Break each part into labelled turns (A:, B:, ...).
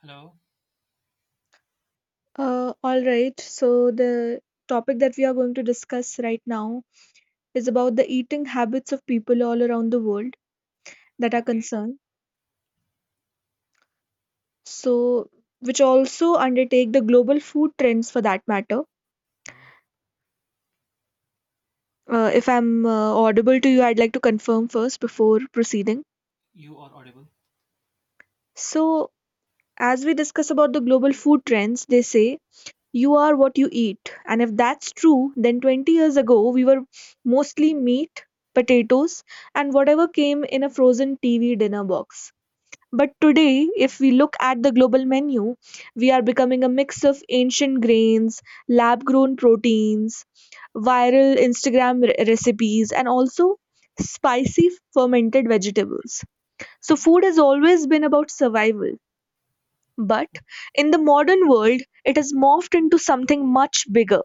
A: Hello.
B: All right. The topic that we are going to discuss right now is about the eating habits of people all around the world that are
A: Okay.
B: concerned. So, which also undertake the global food trends for that matter.
A: Mhm.
B: If I'm audible to you, I'd like to confirm first before proceeding.
A: You are audible.
B: So, as we discuss about the global food trends, they say you are what you eat. And if that's true, then 20 years ago, we were mostly meat, potatoes, and whatever came in a frozen TV dinner box. But today, if we look at the global menu, we are becoming a mix of ancient grains, lab grown proteins, viral Instagram recipes, and also spicy fermented vegetables. So, food has always been about survival. But in the modern world, it has morphed into something much bigger,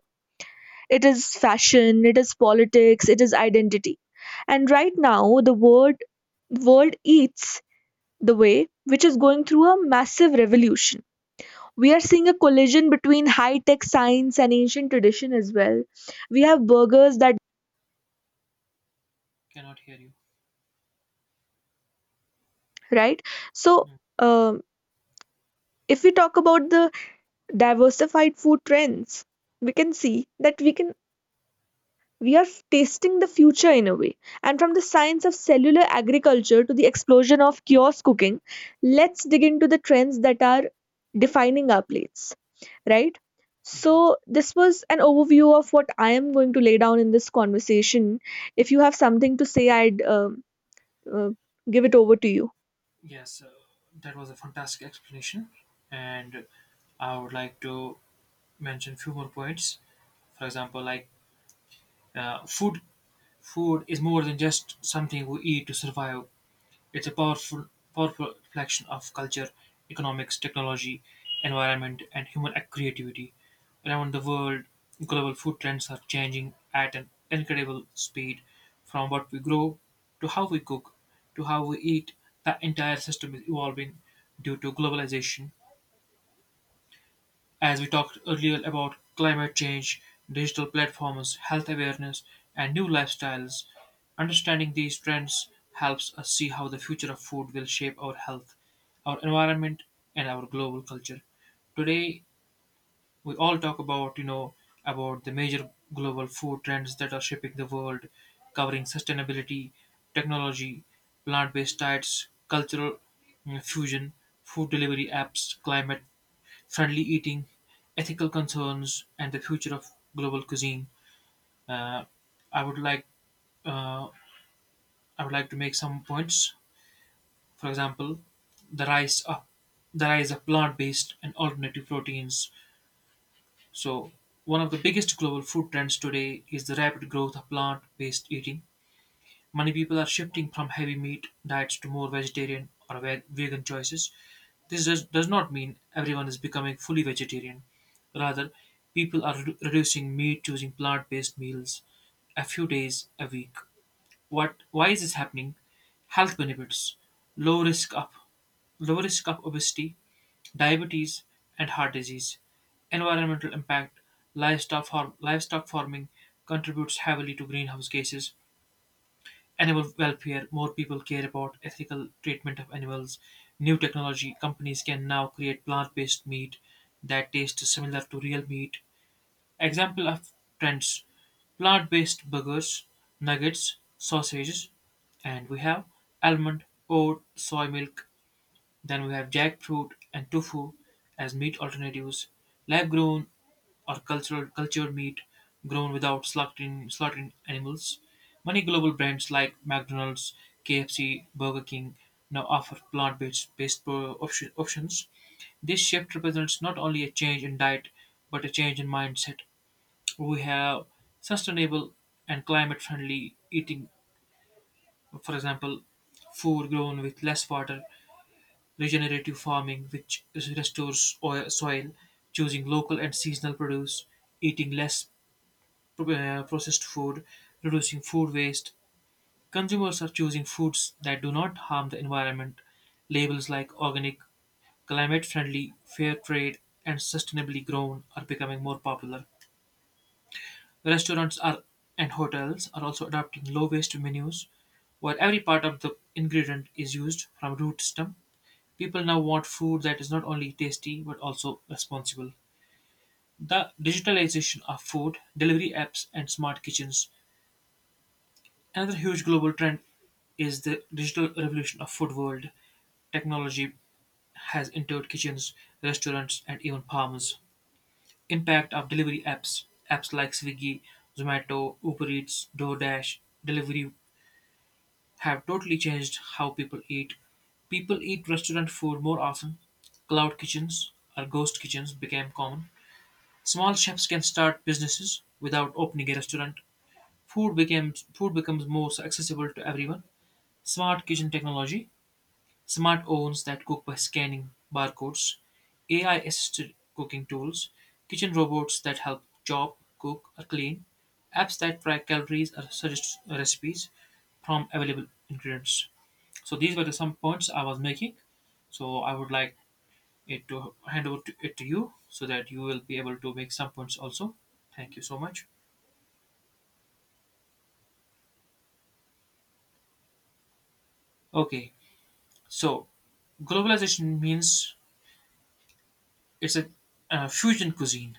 B: it is fashion, it is politics, it is identity. And right now, the word world eats the way which is going through a massive revolution. We are seeing a collision between high tech science and ancient tradition as well. We have burgers that,
A: Cannot hear you.
B: right? So, um, if we talk about the diversified food trends, we can see that we are tasting the future in a way. And from the science of cellular agriculture to the explosion of kiosk cooking, let's dig into the trends that are defining our plates, right?
A: Mm-hmm.
B: So, this was an overview of what I am going to lay down in this conversation. If you have something to say, I'd uh, give it over to you.
A: Yes, that was a fantastic explanation, and I would like to mention few more points. For example, like food. Food is more than just something we eat to survive. It's a powerful reflection of culture, economics, technology, environment, and human creativity. Around the world, global food trends are changing at an incredible speed from what we grow to how we cook to how we eat. The entire system is evolving due to globalization as we talked earlier about climate change, digital platforms, health awareness, and new lifestyles, understanding these trends helps us see how the future of food will shape our health, our environment, and our global culture. Today, we all talk about, about the major global food trends that are shaping the world, covering sustainability, technology, plant-based diets, cultural fusion, food delivery apps, climate friendly eating, ethical concerns, and the future of global cuisine. Uh, I would like uh, I would like to make some points. For example, the rise of the rise of plant-based and alternative proteins. So one of the biggest global food trends today is the rapid growth of plant-based eating. Many people are shifting from heavy meat diets to more vegetarian or vegan choices. This does not mean everyone is becoming fully vegetarian. Rather, people are reducing meat, choosing plant based meals a few days a week. Why is this happening? Health benefits, low risk of, low risk of obesity, diabetes, and heart disease. Environmental impact, livestock farming contributes heavily to greenhouse gases animal welfare, more people care about ethical treatment of animals. New technology companies can now create plant based meat that tastes similar to real meat. Example of trends plant based burgers, nuggets, sausages, and we have almond, oat, soy milk. Then we have jackfruit and tofu as meat alternatives. Lab grown or cultured meat grown without slaughtering animals. Many global brands like McDonald's, KFC, Burger King now offer plant based options. This shift represents not only a change in diet but a change in mindset. We have sustainable and climate friendly eating, for example, food grown with less water, regenerative farming, which restores soil, choosing local and seasonal produce, eating less processed food, reducing food waste. Consumers are choosing foods that do not harm the environment. Labels like organic, climate friendly, fair trade, and sustainably grown are becoming more popular. Restaurants are and hotels are also adopting low waste menus where every part of the ingredient is used from root stem. People now want food that is not only tasty but also responsible. The digitalization of food, delivery apps, and smart kitchens another huge global trend is the digital revolution of food world. Technology has entered kitchens, restaurants, and even farms. Impact of delivery apps. Apps like Swiggy, Zomato, Uber Eats, DoorDash, delivery have totally changed how people eat. People eat restaurant food more often. Cloud kitchens or ghost kitchens became common. Small chefs can start businesses without opening a restaurant. Food becomes more accessible to everyone. Smart kitchen technology smart ovens that cook by scanning barcodes, AI assisted cooking tools, kitchen robots that help chop, cook, or clean, apps that track calories or suggest recipes from available ingredients. So, these were the some points I was making. So, I would like it to hand over to, it to you so that you will be able to make some points also. Thank you so much. Okay, so globalization means it's a, fusion cuisine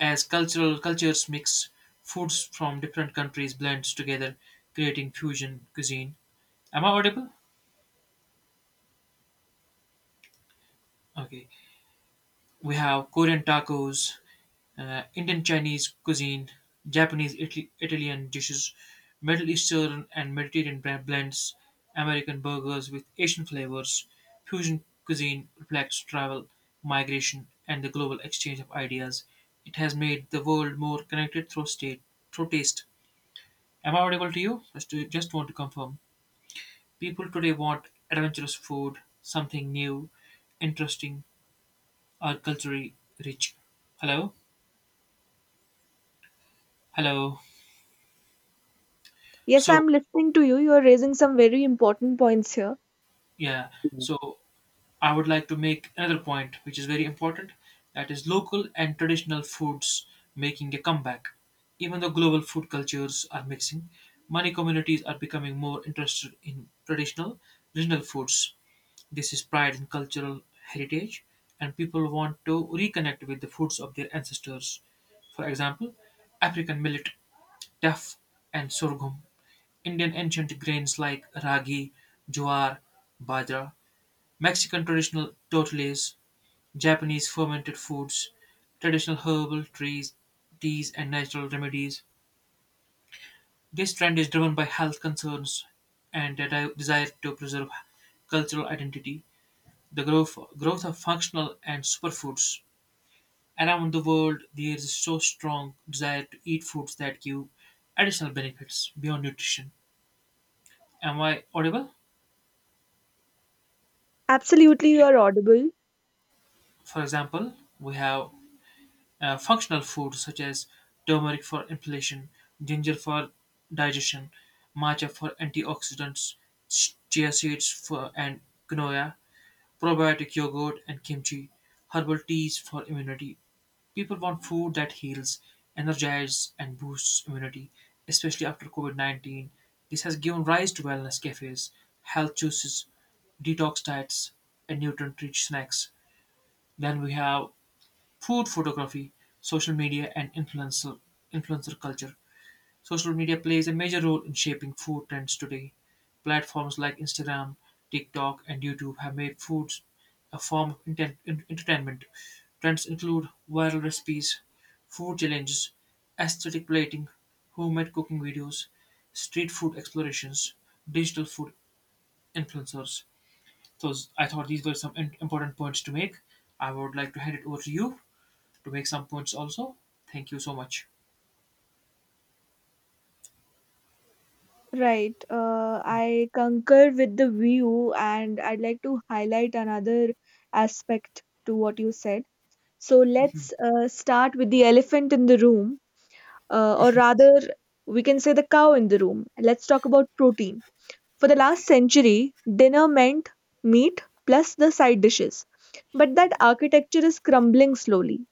A: as cultural cultures mix, foods from different countries blends together, creating fusion cuisine. Am I audible? Okay. We have Korean tacos, Indian Chinese cuisine, Italian dishes, Middle Eastern and Mediterranean blends, American burgers with Asian flavors. Fusion cuisine reflects travel, migration, and the global exchange of ideas. It has made the world more connected through taste. Am I audible to you? Just want to confirm. People today want adventurous food, something new, interesting, or culturally rich. Hello? Hello.
B: Yes,
A: So,
B: I'm listening to you. You're raising some very important points here.
A: yeah.
B: Mhm.
A: So, I would like to make another point, which is very important that is, local and traditional foods making a comeback. Even though global food cultures are mixing, many communities are becoming more interested in traditional, regional foods this is pride in cultural heritage, and people want to reconnect with the foods of their ancestors. For example, African millet, teff, and sorghum, Indian ancient grains like ragi, jowar, bajra, Mexican traditional tortillas, Japanese fermented foods, traditional herbal trees, teas, and natural remedies. This trend is driven by health concerns and a desire to preserve cultural identity. Growth of functional and superfoods. Around the world, there is so strong desire to eat foods that give additional benefits beyond nutrition. Am I audible?
B: Absolutely,
A: Yeah.
B: you're audible.
A: For example, we have functional foods such as turmeric for inflammation, ginger for digestion, matcha for antioxidants, chia seeds for and quinoa, probiotic yogurt and kimchi, herbal teas for immunity, people want food that heals, energizes, and boosts immunity, especially after COVID COVID-19. This has given rise to wellness cafes, health juices, detox diets, and nutrient rich snacks. Then we have food photography, social media, and influencer culture. Social media plays a major role in shaping food trends today. Platforms like Instagram, TikTok, and YouTube have made foods a form of entertainment. Trends include viral recipes, food challenges, aesthetic plating, homemade cooking videos, street food explorations, digital food influencers. So I thought these were some important points to make. I would like to hand it over to you to make some points also. Thank you so much.
B: Right. I concur with the view, and I'd like to highlight another aspect to what you said. So let's start with the elephant in the room, or rather, we can say the cow in the room. Let's talk about protein. For the last
A: Okay.
B: century, dinner meant meat plus the side dishes. But that architecture is crumbling slowly.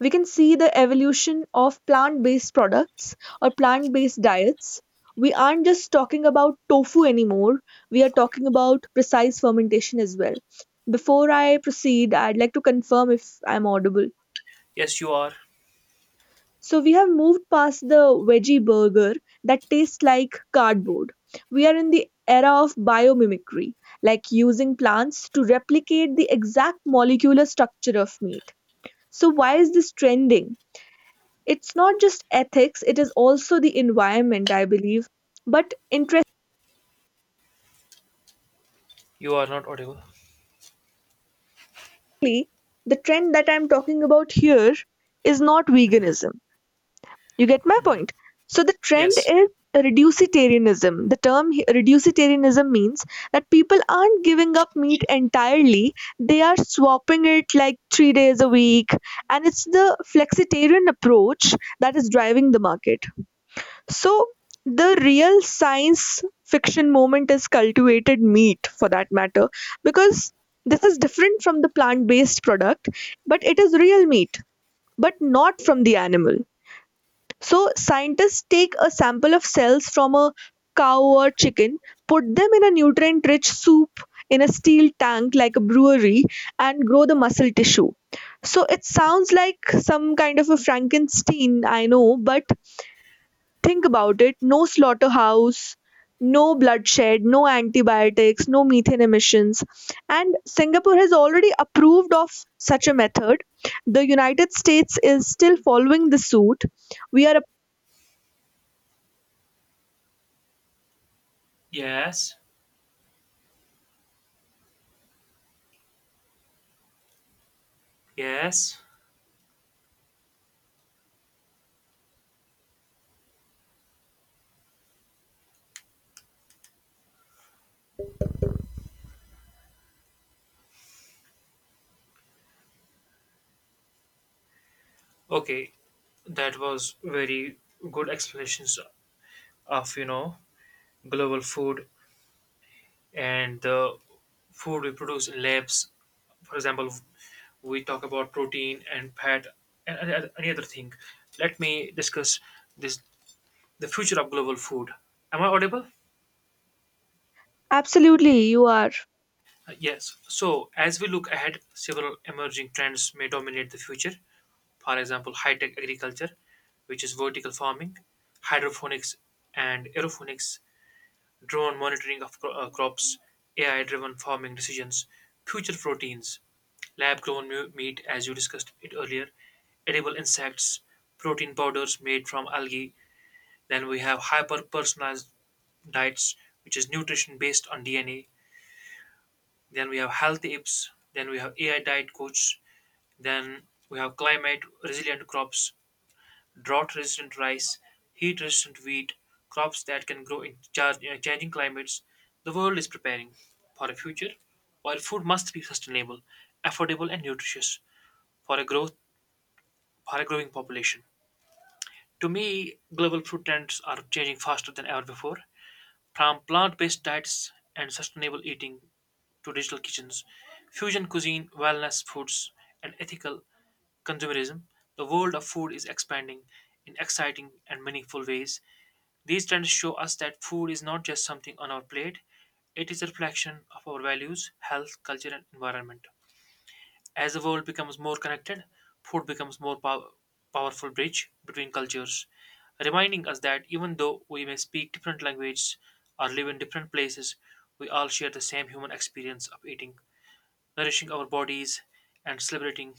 B: We can see the evolution of plant based products or plant based diets. We aren't just talking about tofu anymore, we are talking about precise fermentation as well. Before I proceed, I'd like to confirm if I'm audible.
A: Yes, you are.
B: So, we have moved past the veggie burger that tastes like cardboard. We are in the era of biomimicry, like using plants to replicate the exact molecular structure of meat. So, why is this trending? It's not just ethics, it is also the environment, I believe. But interestingly,
A: You are not audible.
B: the trend that I'm talking about here is not veganism. You get my point? So the trend
A: Yes,
B: is reducitarianism. The term reducitarianism means that people aren't giving up meat entirely, they are swapping it like 3 days a week. And it's the flexitarian approach that is driving the market. So the real science fiction moment is cultivated meat for that matter, because this is different from the plant based product, but it is real meat, but not from the animal. So scientists take a sample of cells from a cow or chicken, put them in a nutrient rich soup in a steel tank like a brewery, and grow the muscle tissue. So it sounds like some kind of a Frankenstein, I know, but think about it, no slaughterhouse, no bloodshed, no antibiotics, no methane emissions. And Singapore has already approved of such a method. The United States is still following the suit. We are
A: yes, yes. Okay, that was very good explanations of, you know, global food and the food we produce in labs. For example, we talk about protein and fat and any other thing. Let me discuss this the future of global food. Am I audible?
B: absolutely, you are.
A: Yes. So, as we look ahead, several emerging trends may dominate the future. For example, high tech agriculture, which is vertical farming, hydroponics and aeroponics, drone monitoring of crops, AI driven farming decisions, future proteins, lab grown meat, as you discussed it earlier, edible insects, protein powders made from algae. Then we have hyper personalized diets, which is nutrition based on DNA. Then we have healthy apes. Then we have AI diet coach. Then we have climate resilient crops. Drought-resistant rice, heat-resistant wheat, crops that can grow in changing climates. The world is preparing for a future where food must be sustainable, affordable, and nutritious for a growing population. To me, global food trends are changing faster than ever before. From plant-based diets and sustainable eating to digital kitchens, fusion cuisine, wellness foods, and ethical consumerism, the world of food is expanding in exciting and meaningful ways. These trends show us that food is not just something on our plate, it is a reflection of our values, health, culture, and environment. As the world becomes more connected, food becomes more powerful bridge between cultures, reminding us that even though we may speak different languages or live in different places, we all share the same human experience of eating, nourishing our bodies, and celebrating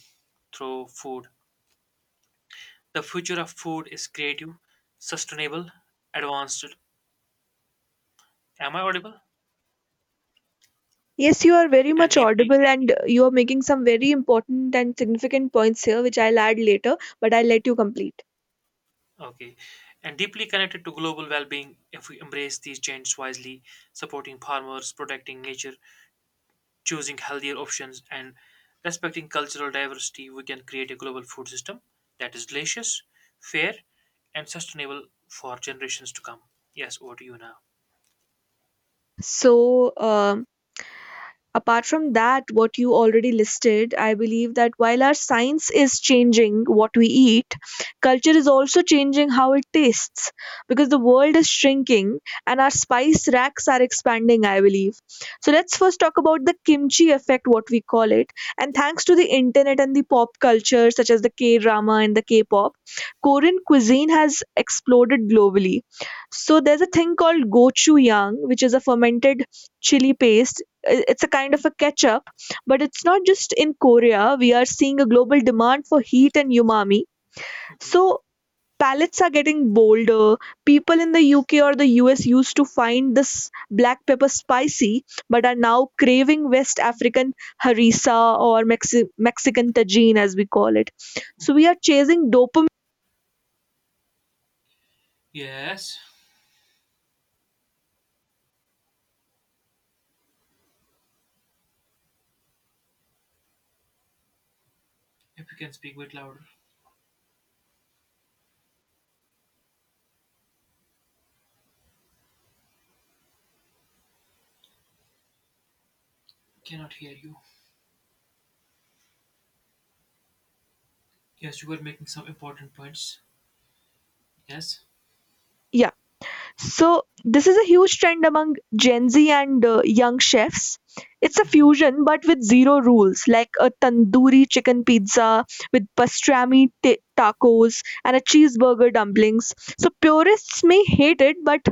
A: through food. The future of food is creative, sustainable, advanced. Am I audible?
B: Yes, you are very
A: And
B: much
A: deeply
B: audible and you are making some very important and significant points here, which I'll add later, but I'll let you complete.
A: okay, and deeply connected to global well being if we embrace these changes wisely, supporting farmers, protecting nature, choosing healthier options, and respecting cultural diversity, we can create a global food system that is delicious, fair, and sustainable for generations to come. Yes, over to you now.
B: So, um, Apart from that, what you already listed, I believe that while our science is changing what we eat, culture is also changing how it tastes because the world is shrinking and our spice racks are expanding, I believe. So let's first talk about the kimchi effect, what we call it. And thanks to the internet and the pop culture, such as the K drama and the K pop, Korean cuisine has exploded globally. So there's a thing called gochujang, which is a fermented chili paste, it's a kind of a catch up, but it's not just in Korea. We are seeing a global demand for heat and umami.
A: Mhm.
B: So palates are getting bolder. People in the UK or the US used to find this black pepper spicy, but are now craving West African harissa or Mexican tajine as we call it. So we are chasing dopamine.
A: Yes, if you can speak a bit louder, cannot hear you. Yes, you were making some important points. Yes.
B: Yeah. So this is a huge trend among Gen Z and young chefs. It's a
A: Mhm.
B: fusion but with zero rules, like a tandoori chicken pizza with pastrami ta tacos and a cheeseburger dumplings. So purists may hate it, but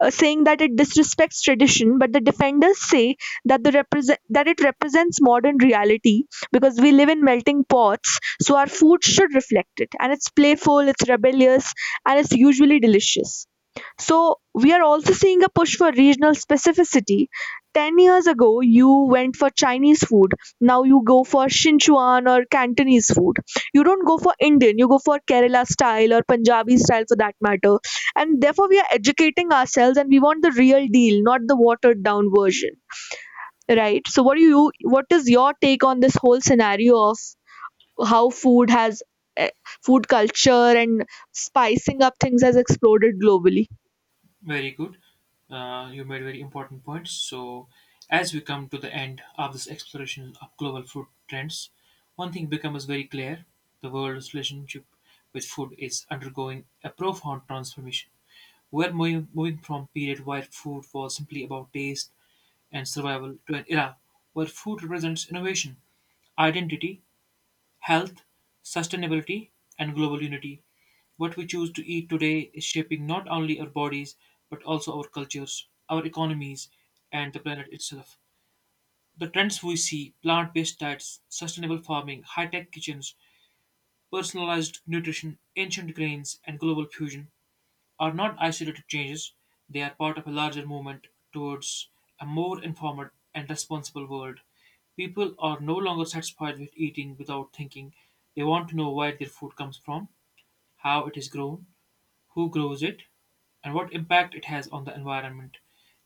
B: saying that it disrespects tradition. But the defenders say that it represents modern reality because we live in melting pots, so our food should reflect it. And it's playful, it's rebellious, and it's usually delicious. So we are also seeing a push for regional specificity. 10 years ago, you went for Chinese food. Now you go for Sichuan or Cantonese food. You don't go for Indian, you go for Kerala style or Punjabi style for that matter. And therefore, we are educating ourselves and we want the real deal, not the watered down version. Right? So, what is your take on this whole scenario of how eh, food culture and spicing up things has exploded globally?
A: Very good. You made very important points. So, as we come to the end of this exploration of global food trends, one thing becomes very clear the world's relationship with food is undergoing a profound transformation. Moving from a period where food was simply about taste and survival to an era where food represents innovation, identity, health, sustainability, and global unity. What we choose to eat today is shaping not only our bodies, but also our cultures, our economies, and the planet itself. The trends we see plant based diets, sustainable farming, high tech kitchens, personalized nutrition, ancient grains, and global fusion are not isolated changes. They are part of a larger movement towards a more informed and responsible world. People are no longer satisfied with eating without thinking. They want to know where their food comes from, how it is grown, who grows it, and what impact it has on the environment.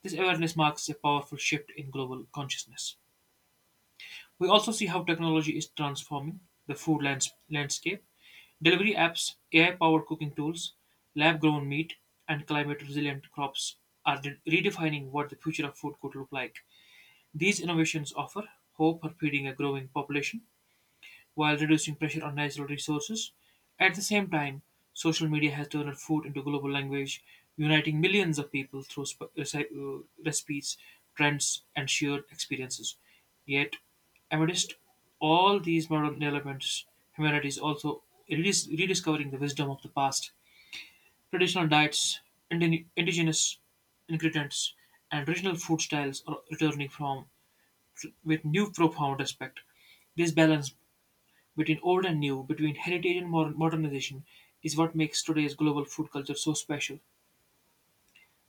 A: This awareness marks a powerful shift in global consciousness. We also see how technology is transforming the food landscape. Delivery apps, AI powered cooking tools, lab grown meat, and climate resilient crops are redefining what the future of food could look like. These innovations offer hope for feeding a growing population while reducing pressure on natural resources. At the same time, social media has turned food into global language, uniting millions of people through recipes, trends, and shared experiences. Yet, amidst all these modern developments, humanity is also rediscovering the wisdom of the past. Traditional diets, indigenous ingredients, and regional food styles are returning from with new profound respect. This balance between old and new, between heritage and modernization, is what makes today's global food culture so special.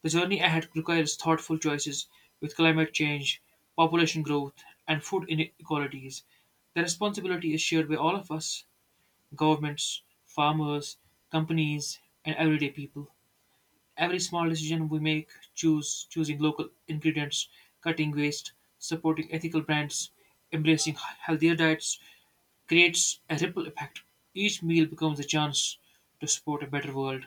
A: The journey ahead requires thoughtful choices with climate change, population growth, and food inequalities. The responsibility is shared by all of us governments, farmers, companies, and everyday people. Every small decision we make, choose choosing local ingredients, cutting waste, supporting ethical brands, embracing healthier diets, creates a ripple effect. Each meal becomes a chance to support a better world.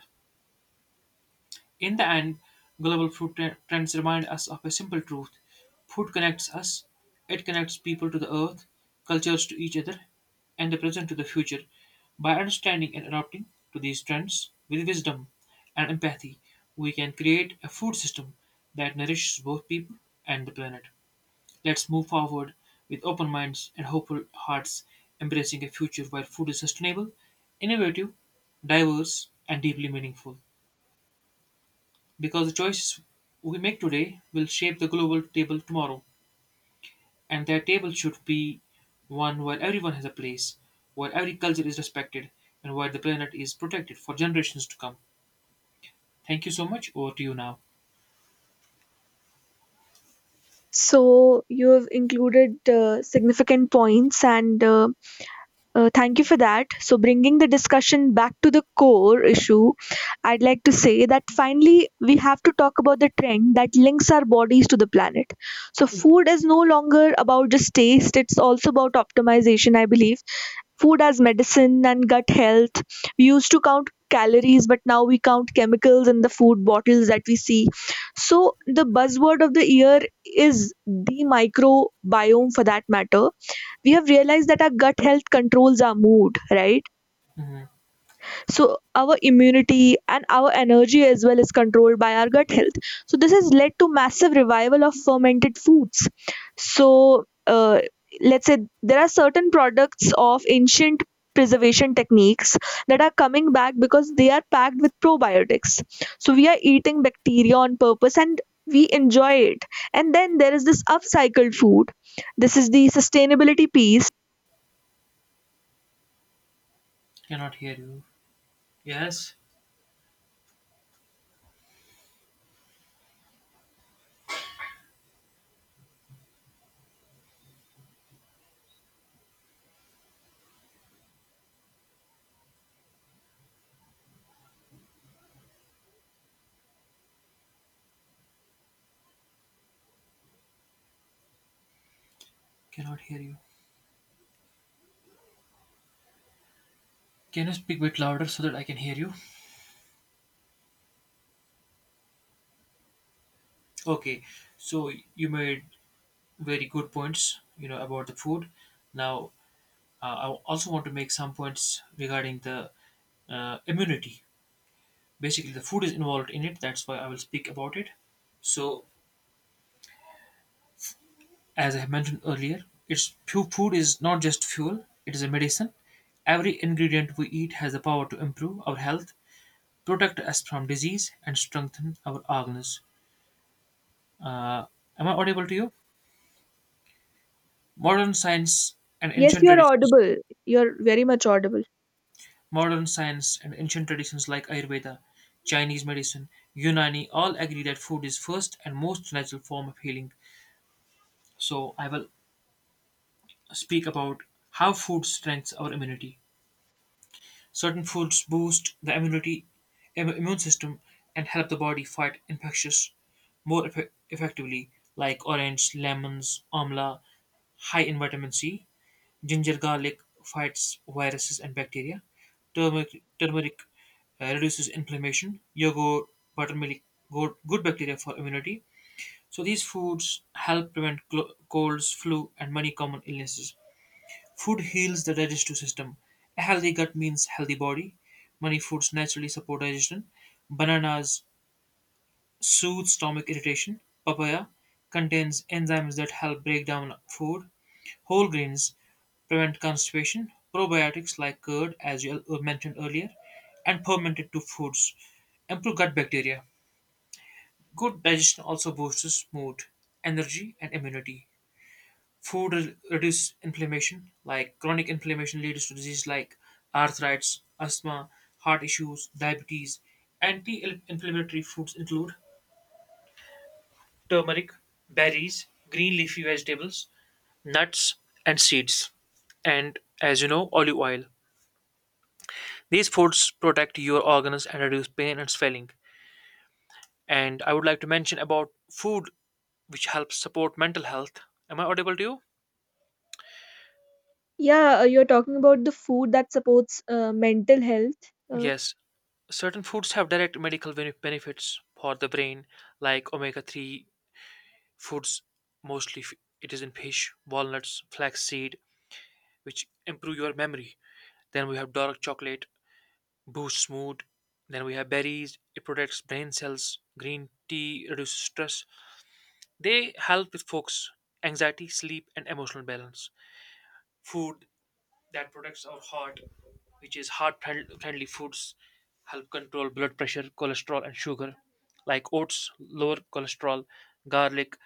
A: In the end, global food trends remind us of a simple truth food connects us, it connects people to the earth, cultures to each other, and the present to the future. By understanding and adapting to these trends with wisdom and empathy, we can create a food system that nourishes both people and the planet. Let's move forward with open minds and hopeful hearts, embracing a future where food is sustainable, innovative, diverse, and deeply meaningful. Because the choices we make today will shape the global table tomorrow, and that table should be one where everyone has a place, where every culture is respected, and where the planet is protected for generations to come. Thank you so much. Over to you now.
B: So you've included significant points, and thank you for that. So bringing the discussion back to the core issue, I'd like to say that finally we have to talk about the trend that links our bodies to the planet. So food is no longer about just taste; it's also about optimization, I believe, food as medicine and gut health. We used to count calories, but now we count chemicals in the food bottles that we see. So, the buzzword of the year is the microbiome for that matter. We have realized that our gut health controls our mood, right?
A: Mhm.
B: So our immunity and our energy as well is controlled by our gut health. So this has led to massive revival of fermented foods. So let's say there are certain products of ancient preservation techniques that are coming back because they are packed with probiotics. So we are eating bacteria on purpose and we enjoy it. And then there is this upcycled food, this is the sustainability piece.
A: Cannot hear you. Yes, cannot hear you. Can you speak a bit louder so that I can hear you? Okay, so you made very good points, about the food. Now, I also want to make some points regarding the immunity. Basically, the food is involved in it. That's why I will speak about it. So, as I mentioned earlier, it's food is not just fuel; it is a medicine. Every ingredient we eat has the power to improve our health, protect us from disease, and strengthen our organs. Uh, am I audible to you? Modern science and
B: Yes,
A: ancient
B: you are
A: traditions
B: audible, you're very much audible.
A: Modern science and ancient traditions like Ayurveda, Chinese medicine, Unani all agree that food is first and most natural form of healing. So I will speak about how food strengthens our immunity. Certain foods boost the immunity, immune system and help the body fight infectious more effectively, like orange, lemons, amla, high in vitamin C. Ginger garlic fights viruses and bacteria. Turmeric reduces inflammation. Yogurt, buttermilk, good bacteria for immunity. So these foods help prevent colds, flu, and many common illnesses. Food heals the digestive system. A healthy gut means healthy body. Many foods naturally support digestion. Bananas soothe stomach irritation. Papaya contains enzymes that help break down food. Whole grains prevent constipation. Probiotics like curd, as you mentioned earlier, and fermented two foods improve gut bacteria. Good digestion also boosts mood, energy, and immunity. Food reduces inflammation, like chronic inflammation leads to diseases like arthritis, asthma, heart issues, diabetes. Anti inflammatory foods include turmeric, berries, green leafy vegetables, nuts, and seeds. And as you know, olive oil. These foods protect your organs and reduce pain and swelling. And I would like to mention about food which helps support mental health. Am I audible to you?
B: Yeah, you're talking about the food that supports mental health. Uh,
A: Yes. Certain foods have direct medical benefits for the brain, like omega 3 foods, mostly it is in fish, walnuts, flaxseed, which improve your memory. Then we have dark chocolate, boosts mood. Then we have berries, it protects brain cells. Green tea reduces stress. They help with focus, anxiety, sleep, and emotional balance. Food that protects our heart, which is heart friendly foods, help control blood pressure, cholesterol, and sugar, like oats, lower cholesterol, garlic,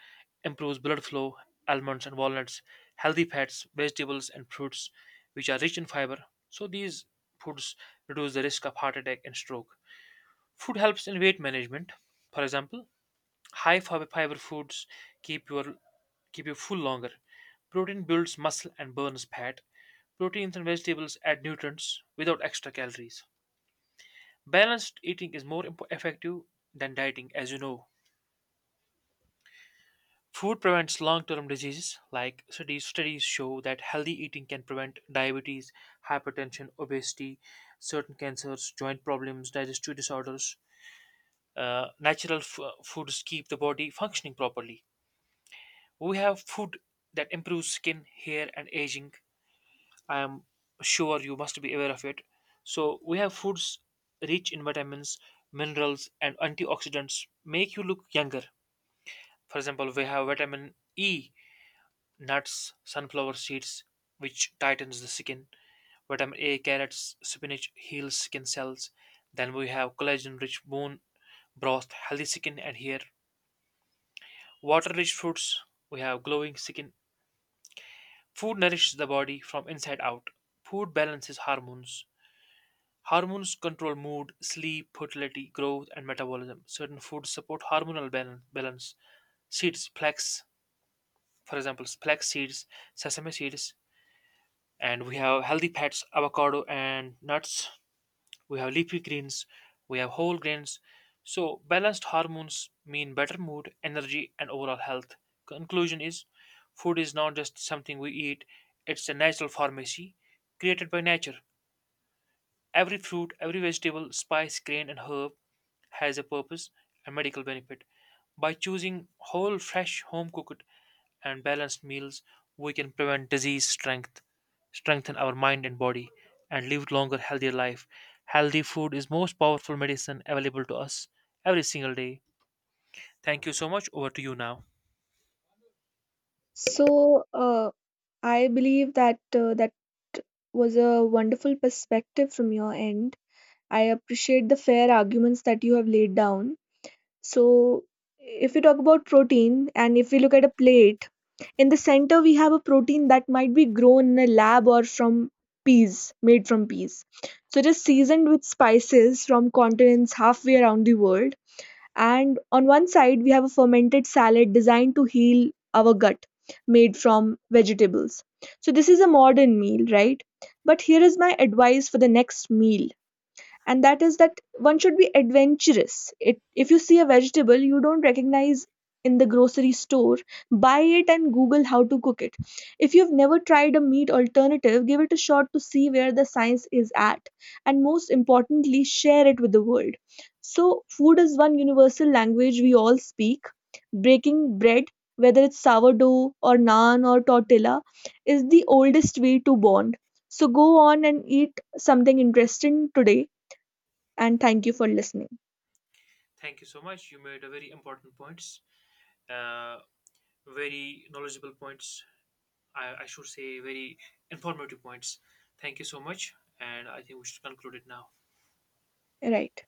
A: improves blood flow, almonds and walnuts, healthy fats, vegetables, and fruits, which are rich in fiber. So, these foods reduce the risk of heart attack and stroke. Food helps in weight management. For example, high fiber foods keep your keep you full longer. Protein builds muscle and burns fat. Proteins and vegetables add nutrients without extra calories. Balanced eating is more effective than dieting, as you know. Food prevents long term diseases, like studies show that healthy eating can prevent diabetes, hypertension, obesity, certain cancers, joint problems, digestive disorders. Natural foods keep the body functioning properly. We have food that improves skin, hair, and aging. I am sure you must be aware of it. So, we have foods rich in vitamins, minerals, and antioxidants make you look younger. For example, we have vitamin E, nuts, sunflower seeds, which tightens the skin. Vitamin A, carrots, spinach heals skin cells. Then we have collagen rich bone broth, healthy skin and hair. Water rich fruits, we have glowing skin. Food nourishes the body from inside out. Food balances hormones. Hormones control mood, sleep, fertility, growth, and metabolism. Certain foods support hormonal balance. Seeds, flax, for example, flax seeds, sesame seeds, and we have healthy fats, avocado, and nuts. We have leafy greens, we have whole grains. So, balanced hormones mean better mood, energy, and overall health. Conclusion is food is not just something we eat, it's a natural pharmacy created by nature. Every fruit, every vegetable, spice, grain, and herb has a purpose and medical benefit. By choosing whole, fresh, home cooked, and balanced meals, we can prevent disease, strengthen our mind and body, and live longer, healthier life. Healthy food is most powerful medicine available to us every single day. Thank you so much. Over to you now.
B: so uh, I believe that that was a wonderful perspective from your end. I appreciate the fair arguments that you have laid down. So if we talk about protein and if we look at a plate, in the center we have a protein that might be grown in a lab or from peas, made from peas. So it is seasoned with spices from continents halfway around the world. And on one side, we have a fermented salad designed to heal our gut, made from vegetables. So, this is a modern meal, right? But here is my advice for the next meal, and that is that one should be adventurous. If you see a vegetable you don't recognize in the grocery store, buy it and Google how to cook it. If you've never tried a meat alternative, give it a shot to see where the science is at, and most importantly, share it with the world. So, food is one universal language we all speak. Breaking bread, whether it's sourdough or naan or tortilla, is the oldest way to bond. So, go on and eat something interesting today and thank you for listening.
A: Thank you so much. You made a very important points, uh, very knowledgeable points I should say, very informative points. Thank you so much, and I think we should conclude it now.
B: Right.